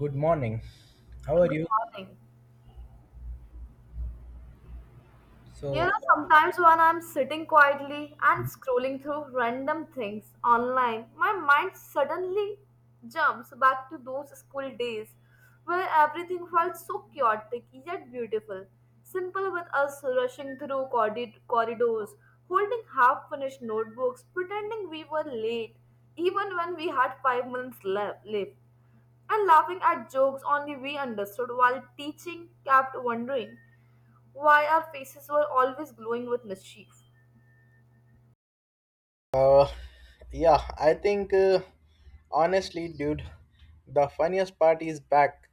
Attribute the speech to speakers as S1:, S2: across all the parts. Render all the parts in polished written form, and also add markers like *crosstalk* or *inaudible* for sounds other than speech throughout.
S1: Good morning. How are
S2: Good
S1: you?
S2: morning. You know,
S1: So,
S2: sometimes when I'm sitting quietly and scrolling through random things online, my mind suddenly jumps back to those school days where everything felt so chaotic yet beautiful. Simple with us rushing through corridors, holding half finished notebooks, pretending we were late, even when we had 5 minutes left. And laughing at jokes only we understood, while teaching kept wondering why our faces were always glowing with mischief.
S1: Uh, yeah, I think honestly, dude, the funniest part is back.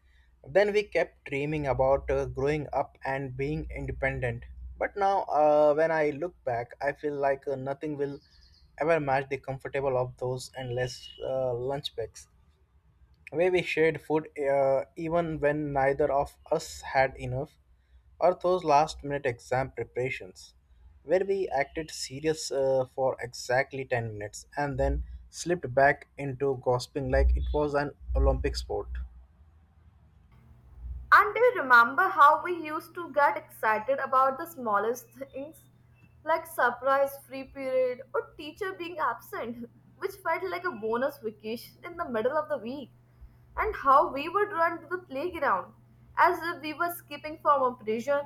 S1: Then we kept dreaming about growing up and being independent. But now, when I look back, I feel like nothing will ever match the comfortable of those endless lunch breaks. Where we shared food even when neither of us had enough, or those last minute exam preparations, where we acted serious for exactly 10 minutes and then slipped back into gossiping like it was an Olympic sport.
S2: And do you remember how we used to get excited about the smallest things, like surprise free period or teacher being absent, which felt like a bonus vacation in the middle of the week? And how we would run to the playground as if we were escaping from a prison,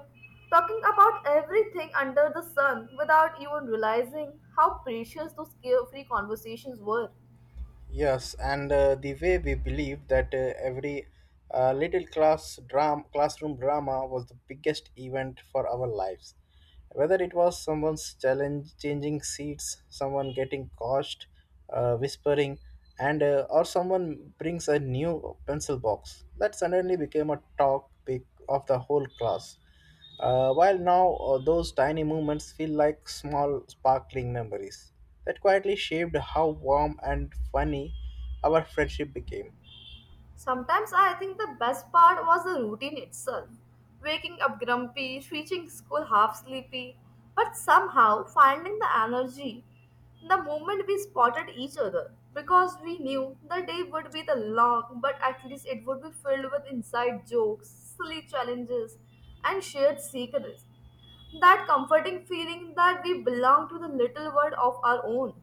S2: talking about everything under the sun without even realizing how precious those carefree conversations were.
S1: Yes, and the way we believe that every classroom drama was the biggest event for our lives. Whether it was someone's challenge, changing seats, someone getting caught, whispering, and or someone brings a new pencil box, that suddenly became a topic of the whole class. While now those tiny moments feel like small sparkling memories that quietly shaped how warm and funny our friendship became.
S2: Sometimes I think the best part was the routine itself. Waking up grumpy, reaching school half sleepy, but somehow finding the energy the moment we spotted each other because we knew the day would be the long, but at least it would be filled with inside jokes, silly challenges, and shared secrets. That comforting feeling that we belong to the little world of our own.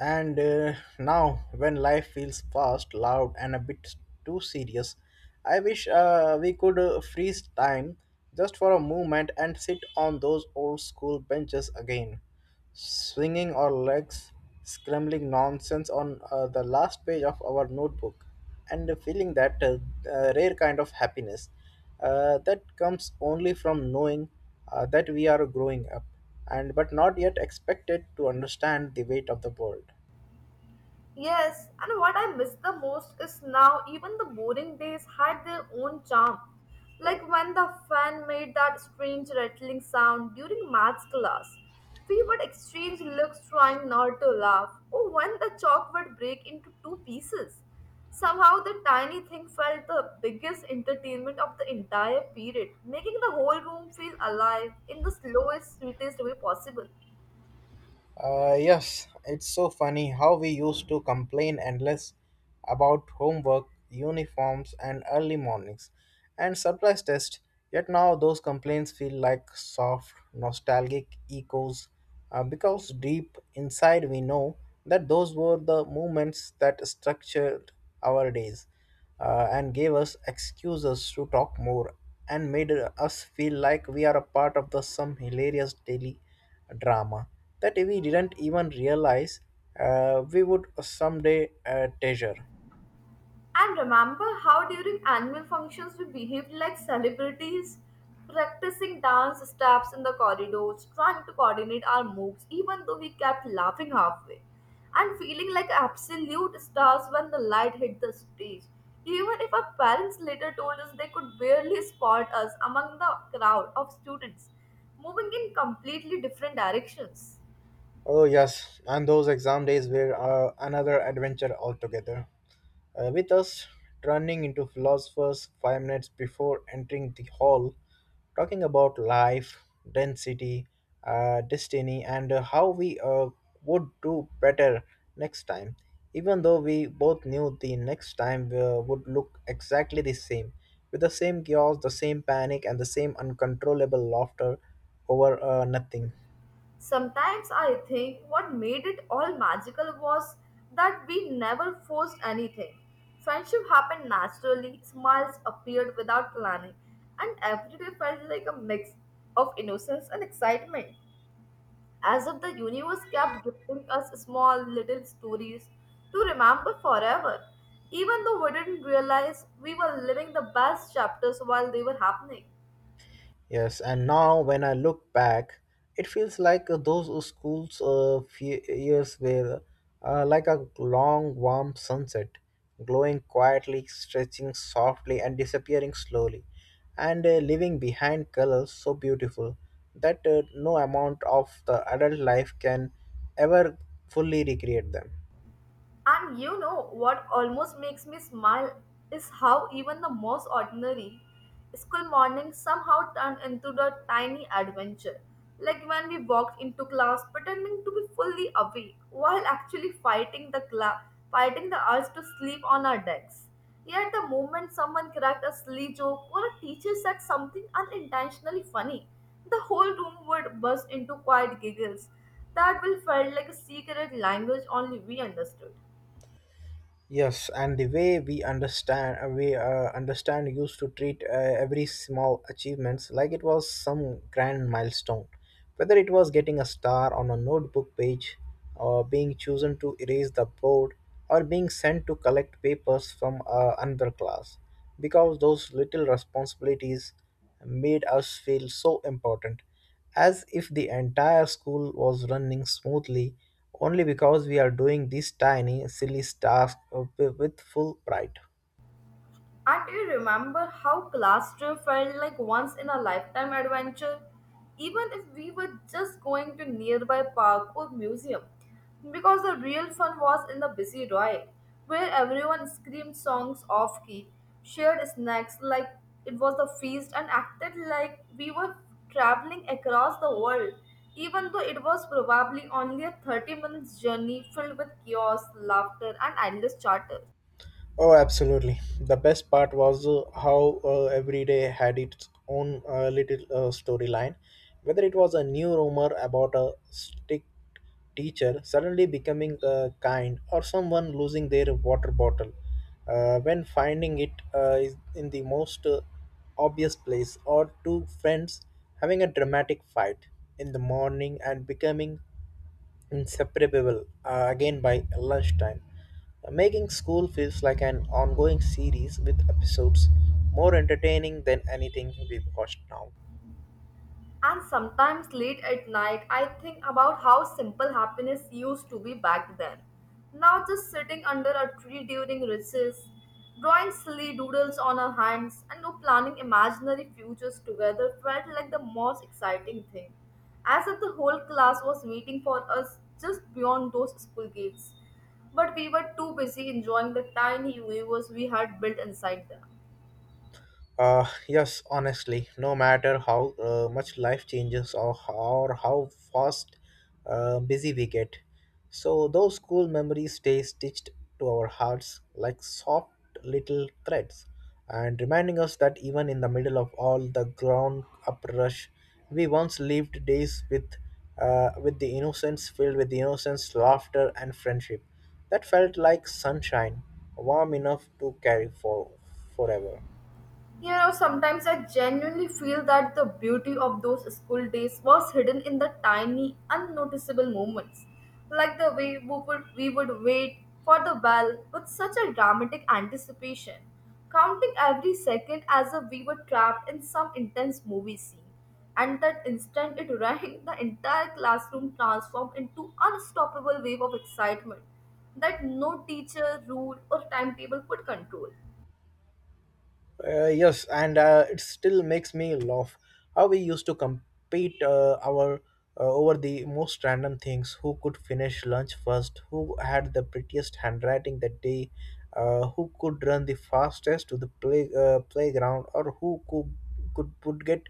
S1: And now, when life feels fast, loud, and a bit too serious, I wish we could freeze time just for a moment and sit on those old school benches again, swinging our legs, scrambling nonsense on the last page of our notebook, and feeling that rare kind of happiness that comes only from knowing that we are growing up and but not yet expected to understand the weight of the world
S2: Yes, and what I miss the most is now even the boring days had their own charm. Like when the fan made that strange rattling sound during maths class. We would exchange looks trying not to laugh, or when the chalk would break into two pieces. Somehow the tiny thing felt the biggest entertainment of the entire period, making the whole room feel alive in the slowest, sweetest way possible.
S1: uh, Yes, it's so funny how we used to complain endless about homework uniforms and early mornings and surprise tests. Yet now those complaints feel like soft nostalgic echoes because deep inside we know that those were the moments that structured our days and gave us excuses to talk more and made us feel like we are a part of the some hilarious daily drama that we didn't even realize we would someday treasure.
S2: And remember how during annual functions we behaved like celebrities, practicing dance steps in the corridors, trying to coordinate our moves, even though we kept laughing halfway, and feeling like absolute stars when the light hit the stage. Even if our parents later told us they could barely spot us among the crowd of students, moving in completely different directions.
S1: Oh, yes, and those exam days were another adventure altogether. With us turning into philosophers 5 minutes before entering the hall, talking about life, density, destiny, and how we would do better next time. Even though we both knew the next time would look exactly the same, with the same chaos, the same panic, and the same uncontrollable laughter over nothing.
S2: Sometimes I think what made it all magical was that we never forced anything. Friendship happened naturally, smiles appeared without planning, and every day felt like a mix of innocence and excitement, as if the universe kept giving us small little stories to remember forever, even though we didn't realize we were living the best chapters while they were happening.
S1: Yes, and now when I look back, it feels like those schools few years were like a long warm sunset, glowing quietly, stretching softly, and disappearing slowly, and leaving behind colors so beautiful that no amount of the adult life can ever fully recreate them.
S2: And you know what almost makes me smile is how even the most ordinary school morning somehow turned into a tiny adventure. Like when we walked into class pretending to be fully awake while actually fighting the urge to sleep on our decks. Yet the moment someone cracked a silly joke or a teacher said something unintentionally funny, the whole room would burst into quiet giggles that will felt like a secret language only we understood.
S1: Yes, and the way we understand used to treat every small achievements like it was some grand milestone, whether it was getting a star on a notebook page, or being chosen to erase the board, or being sent to collect papers from another class, because those little responsibilities made us feel so important as if the entire school was running smoothly only because we are doing this tiny, silly task with full pride.
S2: And you remember how classroom felt like once in a lifetime adventure? Even if we were just going to nearby park or museum. Because the real fun was in the busy ride, where everyone screamed songs off key, shared snacks like it was a feast, and acted like we were traveling across the world, even though it was probably only a 30 minutes journey filled with chaos, laughter, and endless chatter.
S1: Oh, absolutely. The best part was how every day had its own little storyline. Whether it was a new rumor about a stick teacher suddenly becoming kind or someone losing their water bottle when finding it is in the most obvious place, or two friends having a dramatic fight in the morning and becoming inseparable again by lunchtime, making school feels like an ongoing series with episodes more entertaining than anything we've watched now.
S2: And sometimes late at night, I think about how simple happiness used to be back then. Now, just sitting under a tree during recess, drawing silly doodles on our hands, and no planning imaginary futures together felt like the most exciting thing. As if the whole class was waiting for us just beyond those school gates. But we were too busy enjoying the tiny universe we had built inside them.
S1: Yes, honestly, no matter how much life changes or how fast busy we get, so those school memories stay stitched to our hearts like soft little threads, and reminding us that even in the middle of all the ground up rush, we once lived days with the innocence filled with innocence, laughter, and friendship that felt like sunshine, warm enough to carry for forever.
S2: You know, sometimes I genuinely feel that the beauty of those school days was hidden in the tiny, unnoticeable moments, like the way we would wait for the bell with such a dramatic anticipation, counting every second as if we were trapped in some intense movie scene. And that instant it *laughs* rang, the entire classroom transformed into unstoppable wave of excitement that no teacher, rule, or timetable could control.
S1: Yes, and it still makes me laugh how we used to compete our over the most random things. Who could finish lunch first? Who had the prettiest handwriting that day? Who could run the fastest to the playground? Or who could would get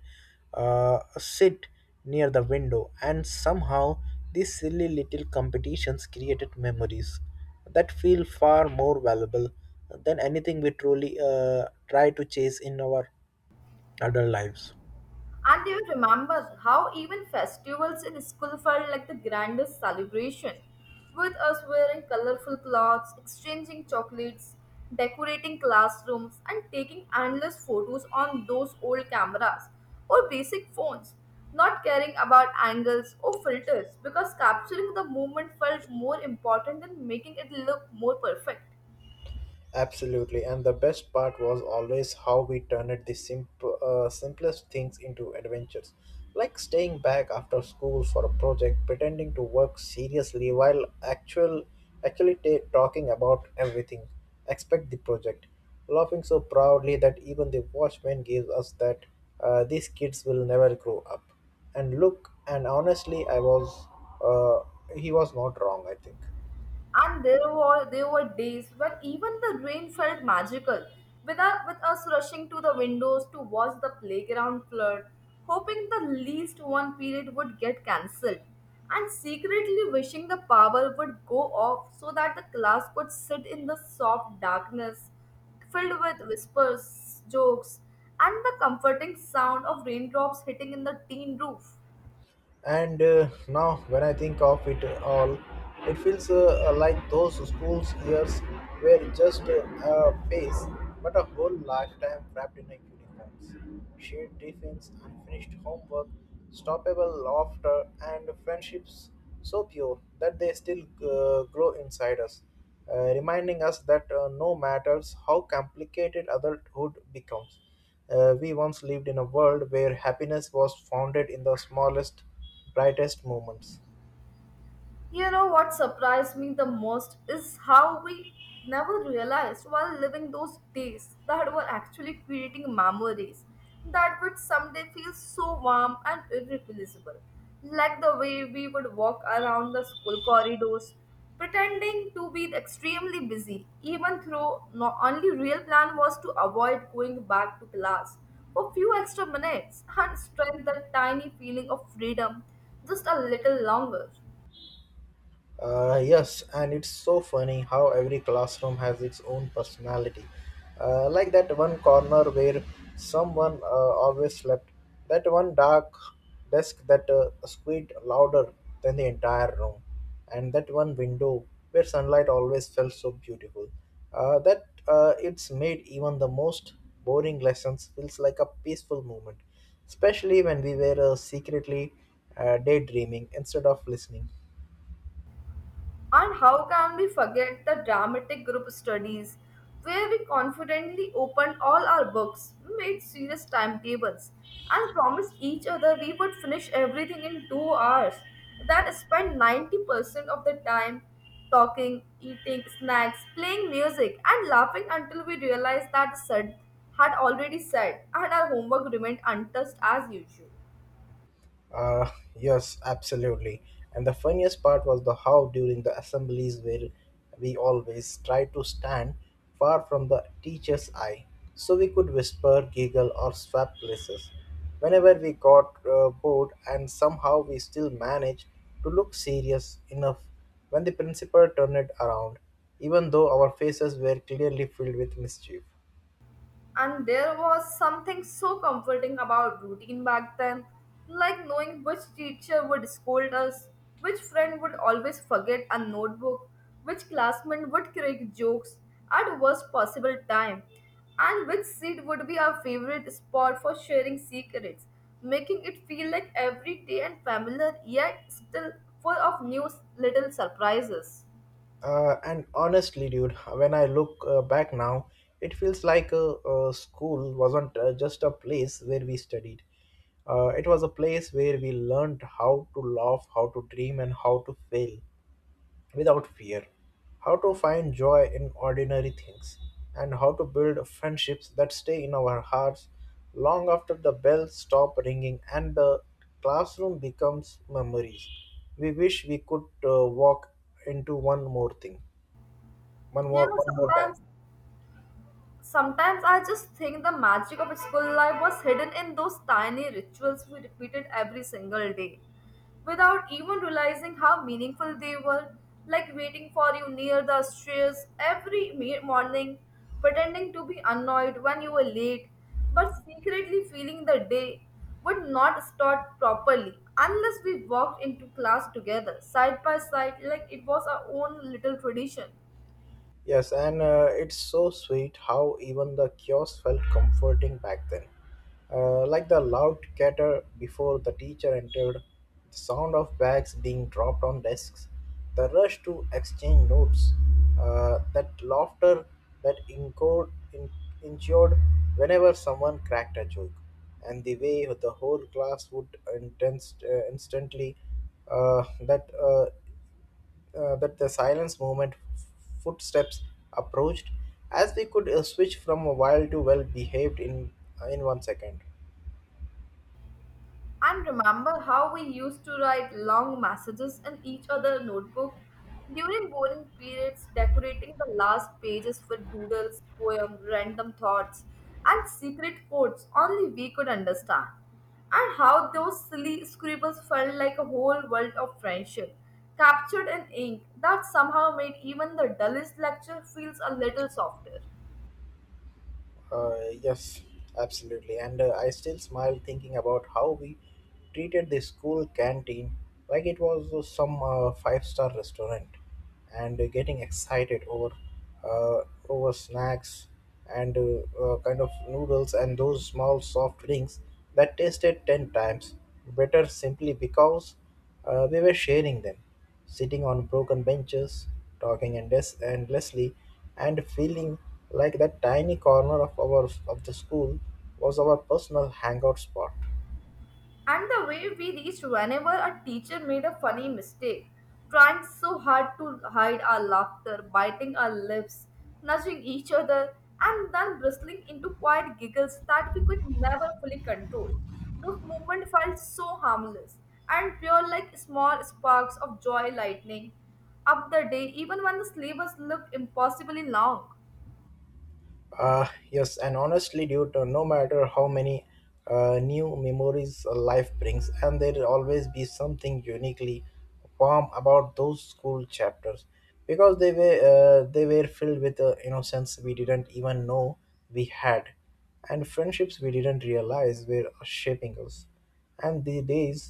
S1: a sit near the window? And somehow these silly little competitions created memories that feel far more valuable than anything we truly try to chase in our adult lives.
S2: And do you remember how even festivals in school felt like the grandest celebration? With us wearing colorful clothes, exchanging chocolates, decorating classrooms, and taking endless photos on those old cameras or basic phones, not caring about angles or filters because capturing the moment felt more important than making it look more perfect.
S1: Absolutely, and the best part was always how we turned the simplest things into adventures, like staying back after school for a project, pretending to work seriously while actually talking about everything, expect the project, laughing so proudly that even the watchman gives us that these kids will never grow up. And look, and honestly, I was uh, he was not wrong, I think.
S2: And there were days when even the rain felt magical, with us rushing to the windows to watch the playground flood, hoping the least one period would get cancelled, and secretly wishing the power would go off so that the class could sit in the soft darkness, filled with whispers, jokes, and the comforting sound of raindrops hitting in the tin roof.
S1: And now, when I think of it all, it feels like those school years were just a phase, but a whole lifetime wrapped in a uniforms. Shared defense, unfinished homework, stoppable laughter, and friendships so pure that they still grow inside us, reminding us that no matters how complicated adulthood becomes. We once lived in a world where happiness was founded in the smallest, brightest moments.
S2: You know what surprised me the most is how we never realized while living those days that we're actually creating memories that would someday feel so warm and irreplaceable. Like the way we would walk around the school corridors, pretending to be extremely busy, even though not only real plan was to avoid going back to class for few extra minutes and stretch that tiny feeling of freedom just a little longer.
S1: Yes, and it's so funny how every classroom has its own personality. Like that one corner where someone always slept, that one dark desk that squeaked louder than the entire room, and that one window where sunlight always felt so beautiful. That It's made even the most boring lessons feels like a peaceful moment, especially when we were secretly daydreaming instead of listening.
S2: And how can we forget the dramatic group studies where we confidently opened all our books, made serious timetables, and promised each other we would finish everything in 2 hours? That spent 90% of the time talking, eating snacks, playing music, and laughing until we realized that said had already said and our homework remained untouched as usual.
S1: Uh, yes, absolutely. And the funniest part was the how during the assemblies where we always tried to stand far from the teacher's eye so we could whisper, giggle, or swap places. Whenever we got bored, and somehow we still managed to look serious enough when the principal turned around, even though our faces were clearly filled with mischief.
S2: And there was something so comforting about routine back then, like knowing which teacher would scold us, which friend would always forget a notebook, which classmate would crack jokes at worst possible time, and which seat would be our favorite spot for sharing secrets, making it feel like every day and familiar yet still full of new little surprises.
S1: And honestly, dude, when I look back now, it feels like school wasn't just a place where we studied. It was a place where we learned how to laugh, how to dream, and how to fail without fear, how to find joy in ordinary things, and how to build friendships that stay in our hearts long after the bells stop ringing and the classroom becomes memories. We wish we could walk into one more thing. One
S2: You
S1: more,
S2: know,
S1: one more time.
S2: sometimes Sometimes I just think the magic of school life was hidden in those tiny rituals we repeated every single day without even realizing how meaningful they were, like waiting for you near the stairs every morning, pretending to be annoyed when you were late, but secretly feeling the day would not start properly unless we walked into class together, side by side, like it was our own little tradition.
S1: Yes, and it's so sweet how even the chaos felt comforting back then. Like the loud clatter before the teacher entered, the sound of bags being dropped on desks, the rush to exchange notes, that laughter that ensured whenever someone cracked a joke, and the way the whole class would instantly uh, that uh, that the silence movement footsteps approached, as we could switch from wild to well behaved in 1 second.
S2: And remember how we used to write long messages in each other's notebook during boring periods, decorating the last pages with doodles, poems, random thoughts, and secret codes only we could understand. And how those silly scribbles felt like a whole world of friendship, captured in ink that somehow made even the dullest lecture feels a little softer.
S1: Yes, absolutely. And I still smile thinking about how we treated the school canteen like it was some five-star restaurant, and getting excited uh, over snacks and kind of noodles and those small soft drinks that tasted 10 times better simply because. We were sharing them, sitting on broken benches, endlessly, and feeling like that tiny corner of our of the school was our personal hangout spot.
S2: And the way we reached whenever a teacher made a funny mistake, trying so hard to hide our laughter, biting our lips, nudging each other, and then bristling into quiet giggles that we could never fully control. Those movements felt so harmless and pure like small sparks of joy lightning up the day, even when the syllabus looked impossibly long.
S1: Uh, yes, and honestly, due to no matter how many new memories life brings, and there'll always be something uniquely warm about those school chapters because they were filled with innocence we didn't even know we had, and friendships we didn't realize were shaping us and the days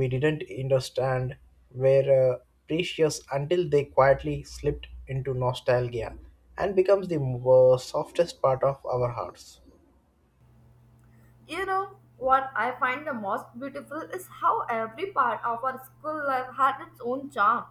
S1: we didn't understand were precious until they quietly slipped into nostalgia and becomes the softest part of our hearts.
S2: You know, what I find the most beautiful is how every part of our school life had its own charm.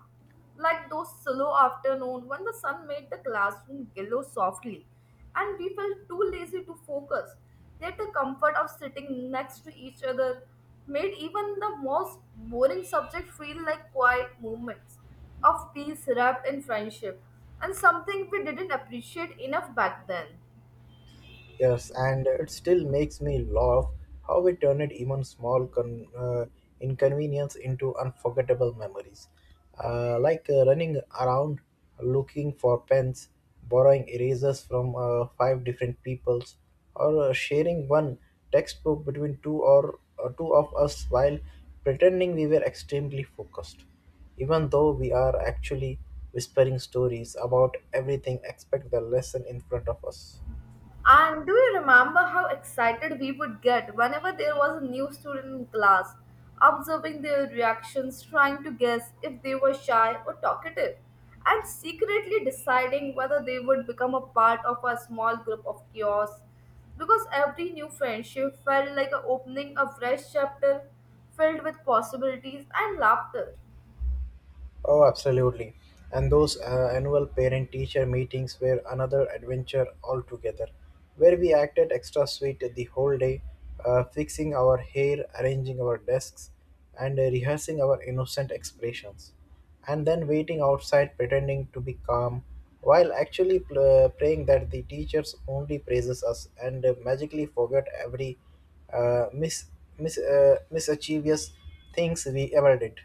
S2: Like those slow afternoon when the sun made the classroom glow softly and we felt too lazy to focus. Yet the comfort of sitting next to each other made even the most boring subject feel like quiet moments of peace wrapped in friendship and something we didn't appreciate enough back then.
S1: Yes, and it still makes me laugh how we turned even small inconvenience into unforgettable memories. Like running around looking for pens, borrowing erasers from 5 different peoples, or sharing one textbook between two of us while pretending we were extremely focused, even though we are actually whispering stories about everything except the lesson in front of us.
S2: And do you remember how excited we would get whenever there was a new student in class, observing their reactions, trying to guess if they were shy or talkative, and secretly deciding whether they would become a part of a small group of chaos? Because every new friendship felt like a opening a fresh chapter filled with possibilities and laughter.
S1: Oh, absolutely. And those annual parent teacher meetings were another adventure altogether, where we acted extra sweet the whole day, fixing our hair, arranging our desks, and rehearsing our innocent expressions, and then waiting outside pretending to be calm while actually praying that the teachers only praises us and magically forget every uh, mis- mischievous things we ever did.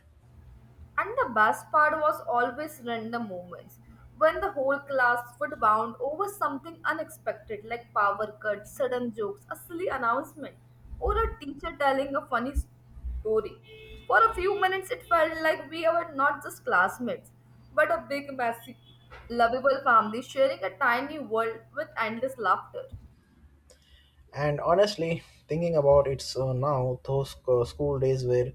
S2: And the best part was always in the moments when the whole class would bound over something unexpected like power cuts, sudden jokes, a silly announcement, or a teacher telling a funny story. For a few minutes, it felt like we were not just classmates, but a big, messy, lovable family sharing a tiny world with endless laughter.
S1: And honestly, thinking about it now, those school days were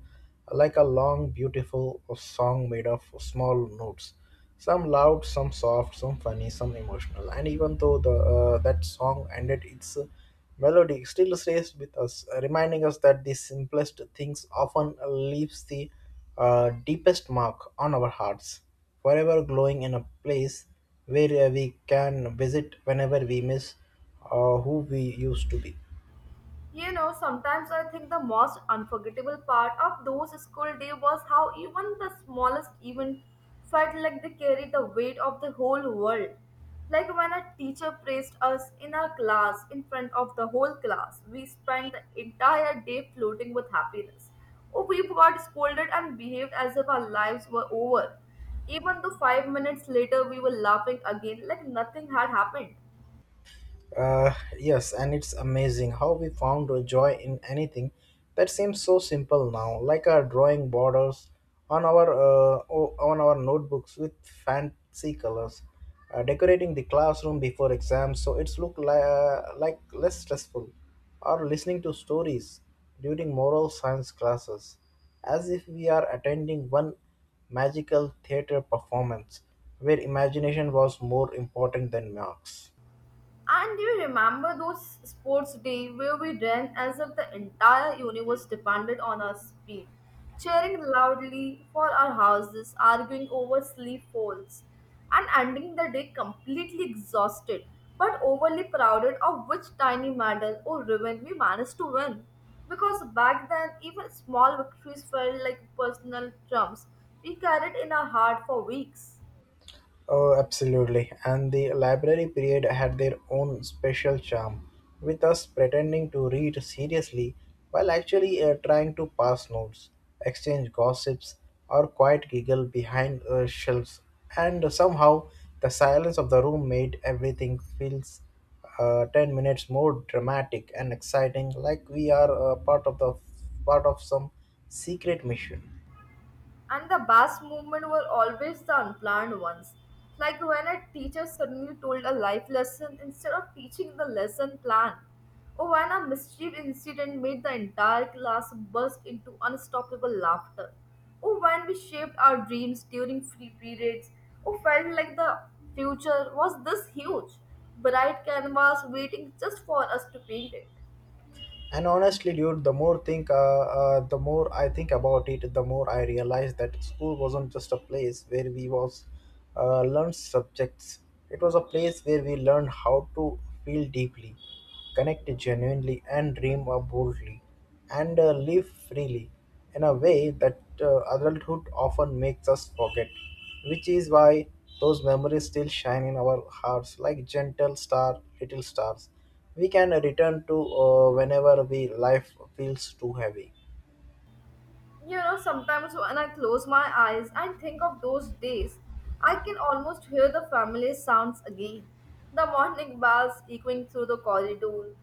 S1: like a long, beautiful song made of small notes. Some loud, some soft, some funny, some emotional. And even though the that song ended, its melody still stays with us, reminding us that the simplest things often leaves the deepest mark on our hearts, forever glowing in a place where we can visit whenever we miss who we used to be.
S2: You know, sometimes I think the most unforgettable part of those school days was how even the smallest event felt like they carried the weight of the whole world. Like when a teacher praised us in our class in front of the whole class, we spent the entire day floating with happiness. Oh, we got scolded and behaved as if our lives were over. Even though 5 minutes later we were laughing again like nothing had happened.
S1: Uh, yes, and it's amazing how we found a joy in anything that seems so simple now, like our drawing borders on our on our notebooks with fancy colors, decorating the classroom before exams so it's look like less stressful, or listening to stories during moral science classes, as if we are attending one magical theater performance where imagination was more important than marks.
S2: And do you remember those sports day where we ran as if the entire universe depended on our speed, cheering loudly for our houses, arguing over sleep folds, and ending the day completely exhausted but overly proud of which tiny medal or ribbon we managed to win? Because back then, even small victories felt like personal triumphs we carried in our heart for weeks.
S1: Oh, absolutely. And the library period had their own special charm, with us pretending to read seriously while actually trying to pass notes, exchange gossips, or quiet giggle behind shelves. And somehow, the silence of the room made everything feels 10 minutes more dramatic and exciting, like we are part of some secret mission.
S2: And the best moments were always the unplanned ones. Like when a teacher suddenly told a life lesson instead of teaching the lesson plan. Or when a mischief incident made the entire class burst into unstoppable laughter. Or when we shaped our dreams during free periods. Or felt like the future was this huge, bright canvas waiting just for us to paint it.
S1: And honestly, dude, the more I think about it, the more I realize that school wasn't just a place where we was learned subjects. It was a place where we learned how to feel deeply, connect genuinely, and dream boldly, and live freely in a way that adulthood often makes us forget. Which is why those memories still shine in our hearts like little stars we can return to whenever we life feels too heavy.
S2: You know, sometimes when I close my eyes and think of those days, I can almost hear the family sounds again. The morning bells echoing through the corridor,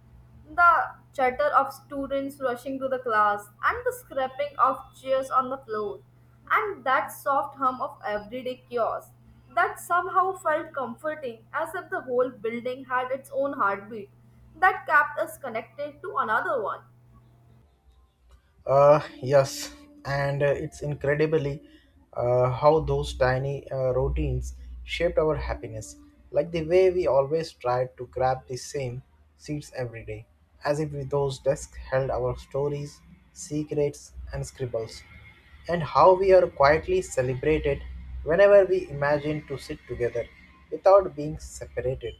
S2: the chatter of students rushing to the class, and the scraping of chairs on the floor, and that soft hum of everyday chaos that somehow felt comforting, as if the whole building had its own heartbeat that kept us connected to another one.
S1: Yes, and it's incredibly how those tiny routines shaped our happiness, like the way we always tried to grab the same seats every day, as if those desks held our stories, secrets, and scribbles, and how we are quietly celebrated whenever we imagine to sit together without being separated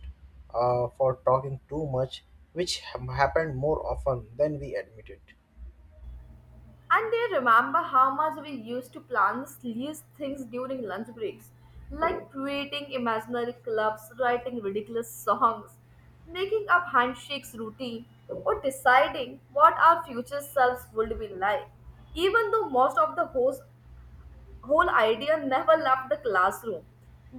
S1: for talking too much, which happened more often than we admitted.
S2: And they remember how much we used to plan these things during lunch breaks, like creating imaginary clubs, writing ridiculous songs, making up handshakes routine, or deciding what our future selves would be like. Even though most of the whole idea never left the classroom,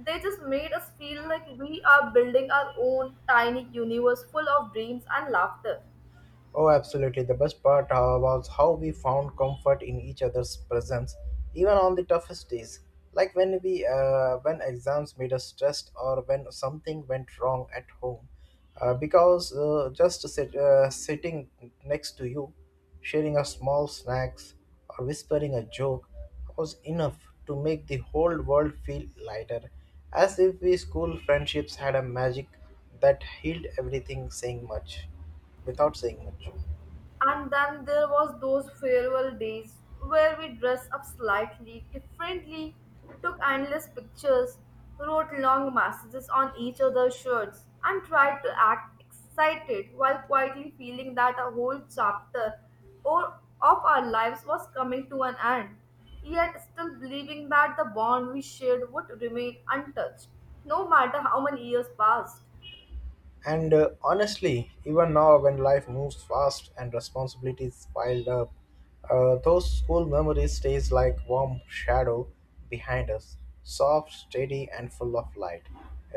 S2: they just made us feel like we are building our own tiny universe full of dreams and laughter.
S1: Oh, absolutely. The best part was how we found comfort in each other's presence, even on the toughest days. Like when exams made us stressed, or when something went wrong at home, because sitting next to you, sharing a small snacks, or whispering a joke was enough to make the whole world feel lighter, as if we school friendships had a magic that healed everything, saying much without saying much.
S2: And then there was those farewell days where we dressed up slightly differently, took endless pictures, wrote long messages on each other's shirts, and tried to act excited while quietly feeling that a whole chapter or of our lives was coming to an end, yet still believing that the bond we shared would remain untouched, no matter how many years passed.
S1: And honestly, even now when life moves fast and responsibilities piled up, those school memories stays like warm shadow behind us, soft, steady, and full of light,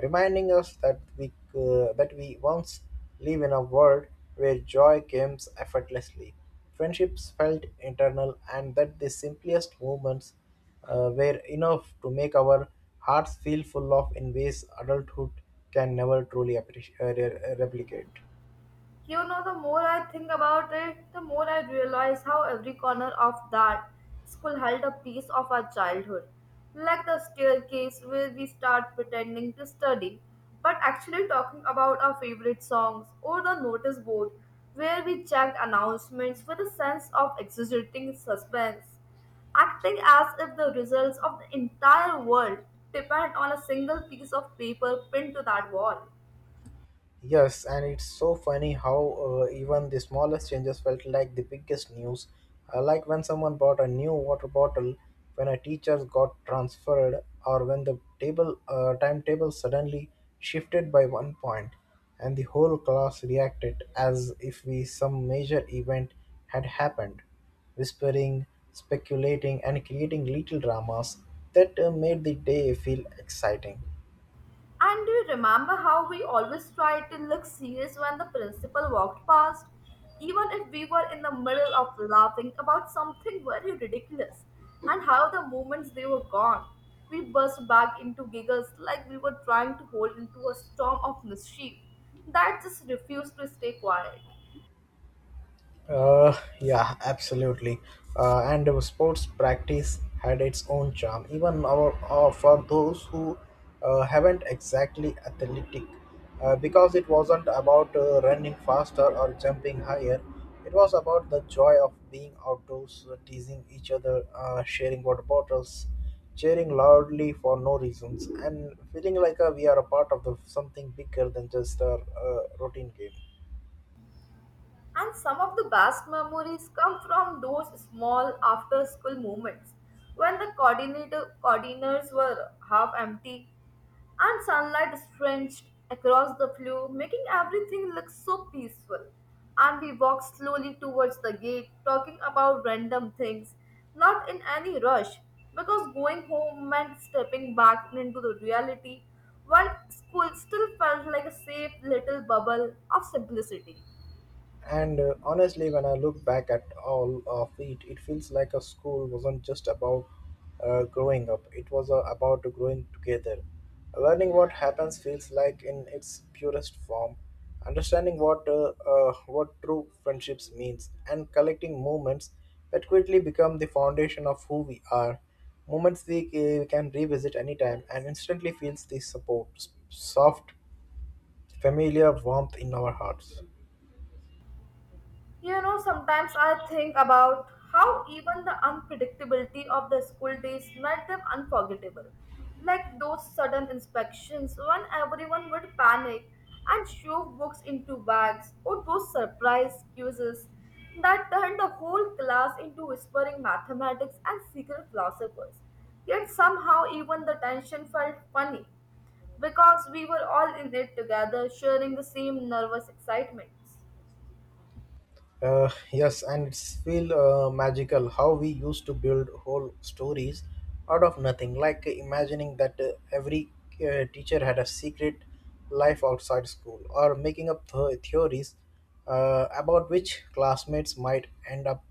S1: reminding us that we once live in a world where joy came effortlessly, friendships felt eternal, and that the simplest moments were enough to make our hearts feel full of in ways adulthood can never truly appreciate, replicate.
S2: You know, the more I think about it, the more I realize how every corner of that school held a piece of our childhood. Like the staircase where we start pretending to study, but actually talking about our favorite songs, or the notice board where we checked announcements with a sense of exaggerating suspense, acting as if the results of the entire world depend on a single piece of paper pinned to that wall.
S1: Yes, and it's so funny how even the smallest changes felt like the biggest news. Like when someone bought a new water bottle, when a teacher got transferred, or when the table timetable suddenly shifted by one point, and the whole class reacted as if we some major event had happened, whispering, speculating, and creating little dramas that made the day feel exciting.
S2: And do you remember how we always tried to look serious when the principal walked past? Even if we were in the middle of laughing about something very ridiculous, and how the moments they were gone, we burst back into giggles like we were trying to hold into a storm of mischief that just refused to stay quiet.
S1: Uh, yeah, absolutely. And our sports practice had its own charm, even for those who haven't exactly athletic, because it wasn't about running faster or jumping higher. It was about the joy of being outdoors, teasing each other, sharing water bottles, cheering loudly for no reasons, and feeling like we are a part of the, something bigger than just a routine game.
S2: And some of the best memories come from those small after school moments when the coordinators were half empty and sunlight stretched across the floor, making everything look so peaceful. And we walked slowly towards the gate, talking about random things, not in any rush, because going home meant stepping back into the reality, while school still felt like a safe little bubble of simplicity.
S1: And honestly, when I look back at all of it, it feels like a school wasn't just about growing up, it was about growing together. Learning what happens feels like in its purest form, understanding what true friendships means, and collecting moments that quickly become the foundation of who we are. Moments we can revisit anytime and instantly feels the support, soft, familiar warmth in our hearts.
S2: You know, sometimes I think about how even the unpredictability of the school days made them unforgettable. Like those sudden inspections when everyone would panic and shove books into bags, or those surprise quizzes that turned the whole class into whispering mathematics and secret philosophers. Yet somehow, even the tension felt funny because we were all in it together, sharing the same nervous excitements.
S1: Yes, and it's feel magical how we used to build whole stories out of nothing, like imagining that every teacher had a secret life outside school, or making up theories about which classmates might end up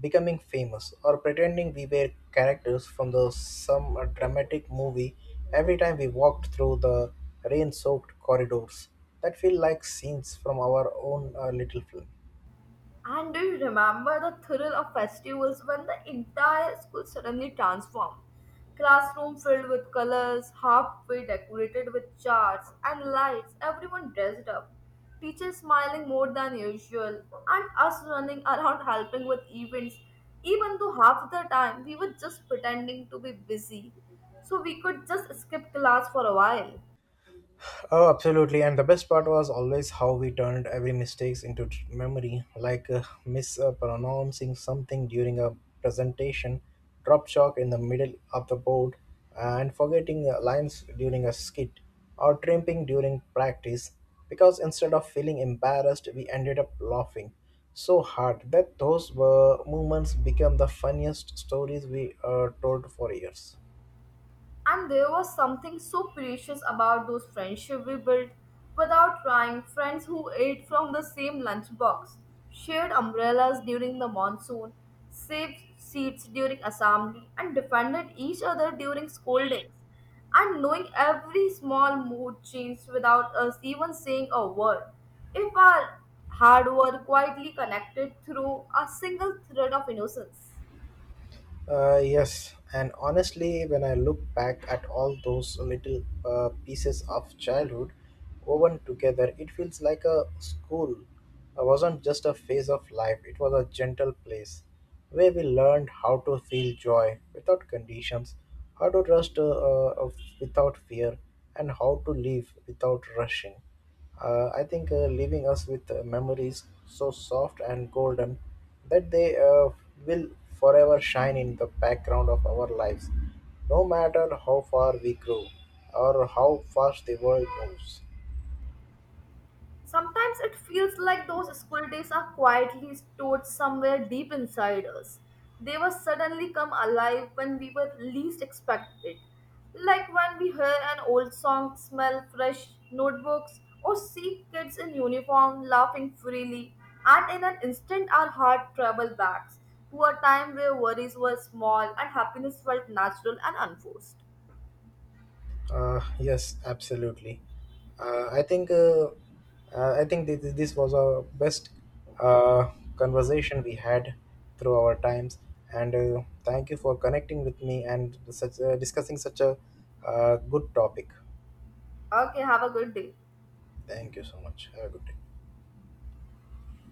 S1: becoming famous, or pretending we were characters from the some dramatic movie every time we walked through the rain-soaked corridors. That feel like scenes from our own little film.
S2: And do you remember the thrill of festivals when the entire school suddenly transformed? Classroom filled with colors, halfway decorated with charts and lights, everyone dressed up. Teachers smiling more than usual, and us running around helping with events, even though half the time we were just pretending to be busy so we could just skip class for a while.
S1: Oh, absolutely. And the best part was always how we turned every mistakes into memory, like mispronouncing something during a presentation, drop chalk in the middle of the board, and forgetting lines during a skit, or trimping during practice. Because instead of feeling embarrassed, we ended up laughing so hard that those were moments became the funniest stories we told for years.
S2: And there was something so precious about those friendships we built without trying. Friends who ate from the same lunchbox, shared umbrellas during the monsoon, saved seats during assembly, and defended each other during scoldings. And knowing every small mood changed without us even saying a word. If our hard work quietly connected through a single thread of innocence.
S1: Yes, and honestly, when I look back at all those little pieces of childhood woven together, it feels like a school. It wasn't just a phase of life, it was a gentle place where we learned how to feel joy without conditions, how to trust uh, without fear, and how to live without rushing. I think leaving us with memories so soft and golden that they will forever shine in the background of our lives, no matter how far we grow or how fast the world moves.
S2: Sometimes it feels like those school days are quietly stored somewhere deep inside us. They were suddenly come alive when we were least expected. Like when we hear an old song, smell fresh notebooks, or see kids in uniform laughing freely, and in an instant our heart travels back to a time where worries were small and happiness felt natural and unforced.
S1: Yes, absolutely. Uh, I think uh, I think this, this was our best uh, conversation we had through our times, and thank you for connecting with me and such discussing such a good topic.
S2: Okay, have a good day.
S1: Thank you so much. Have a good day.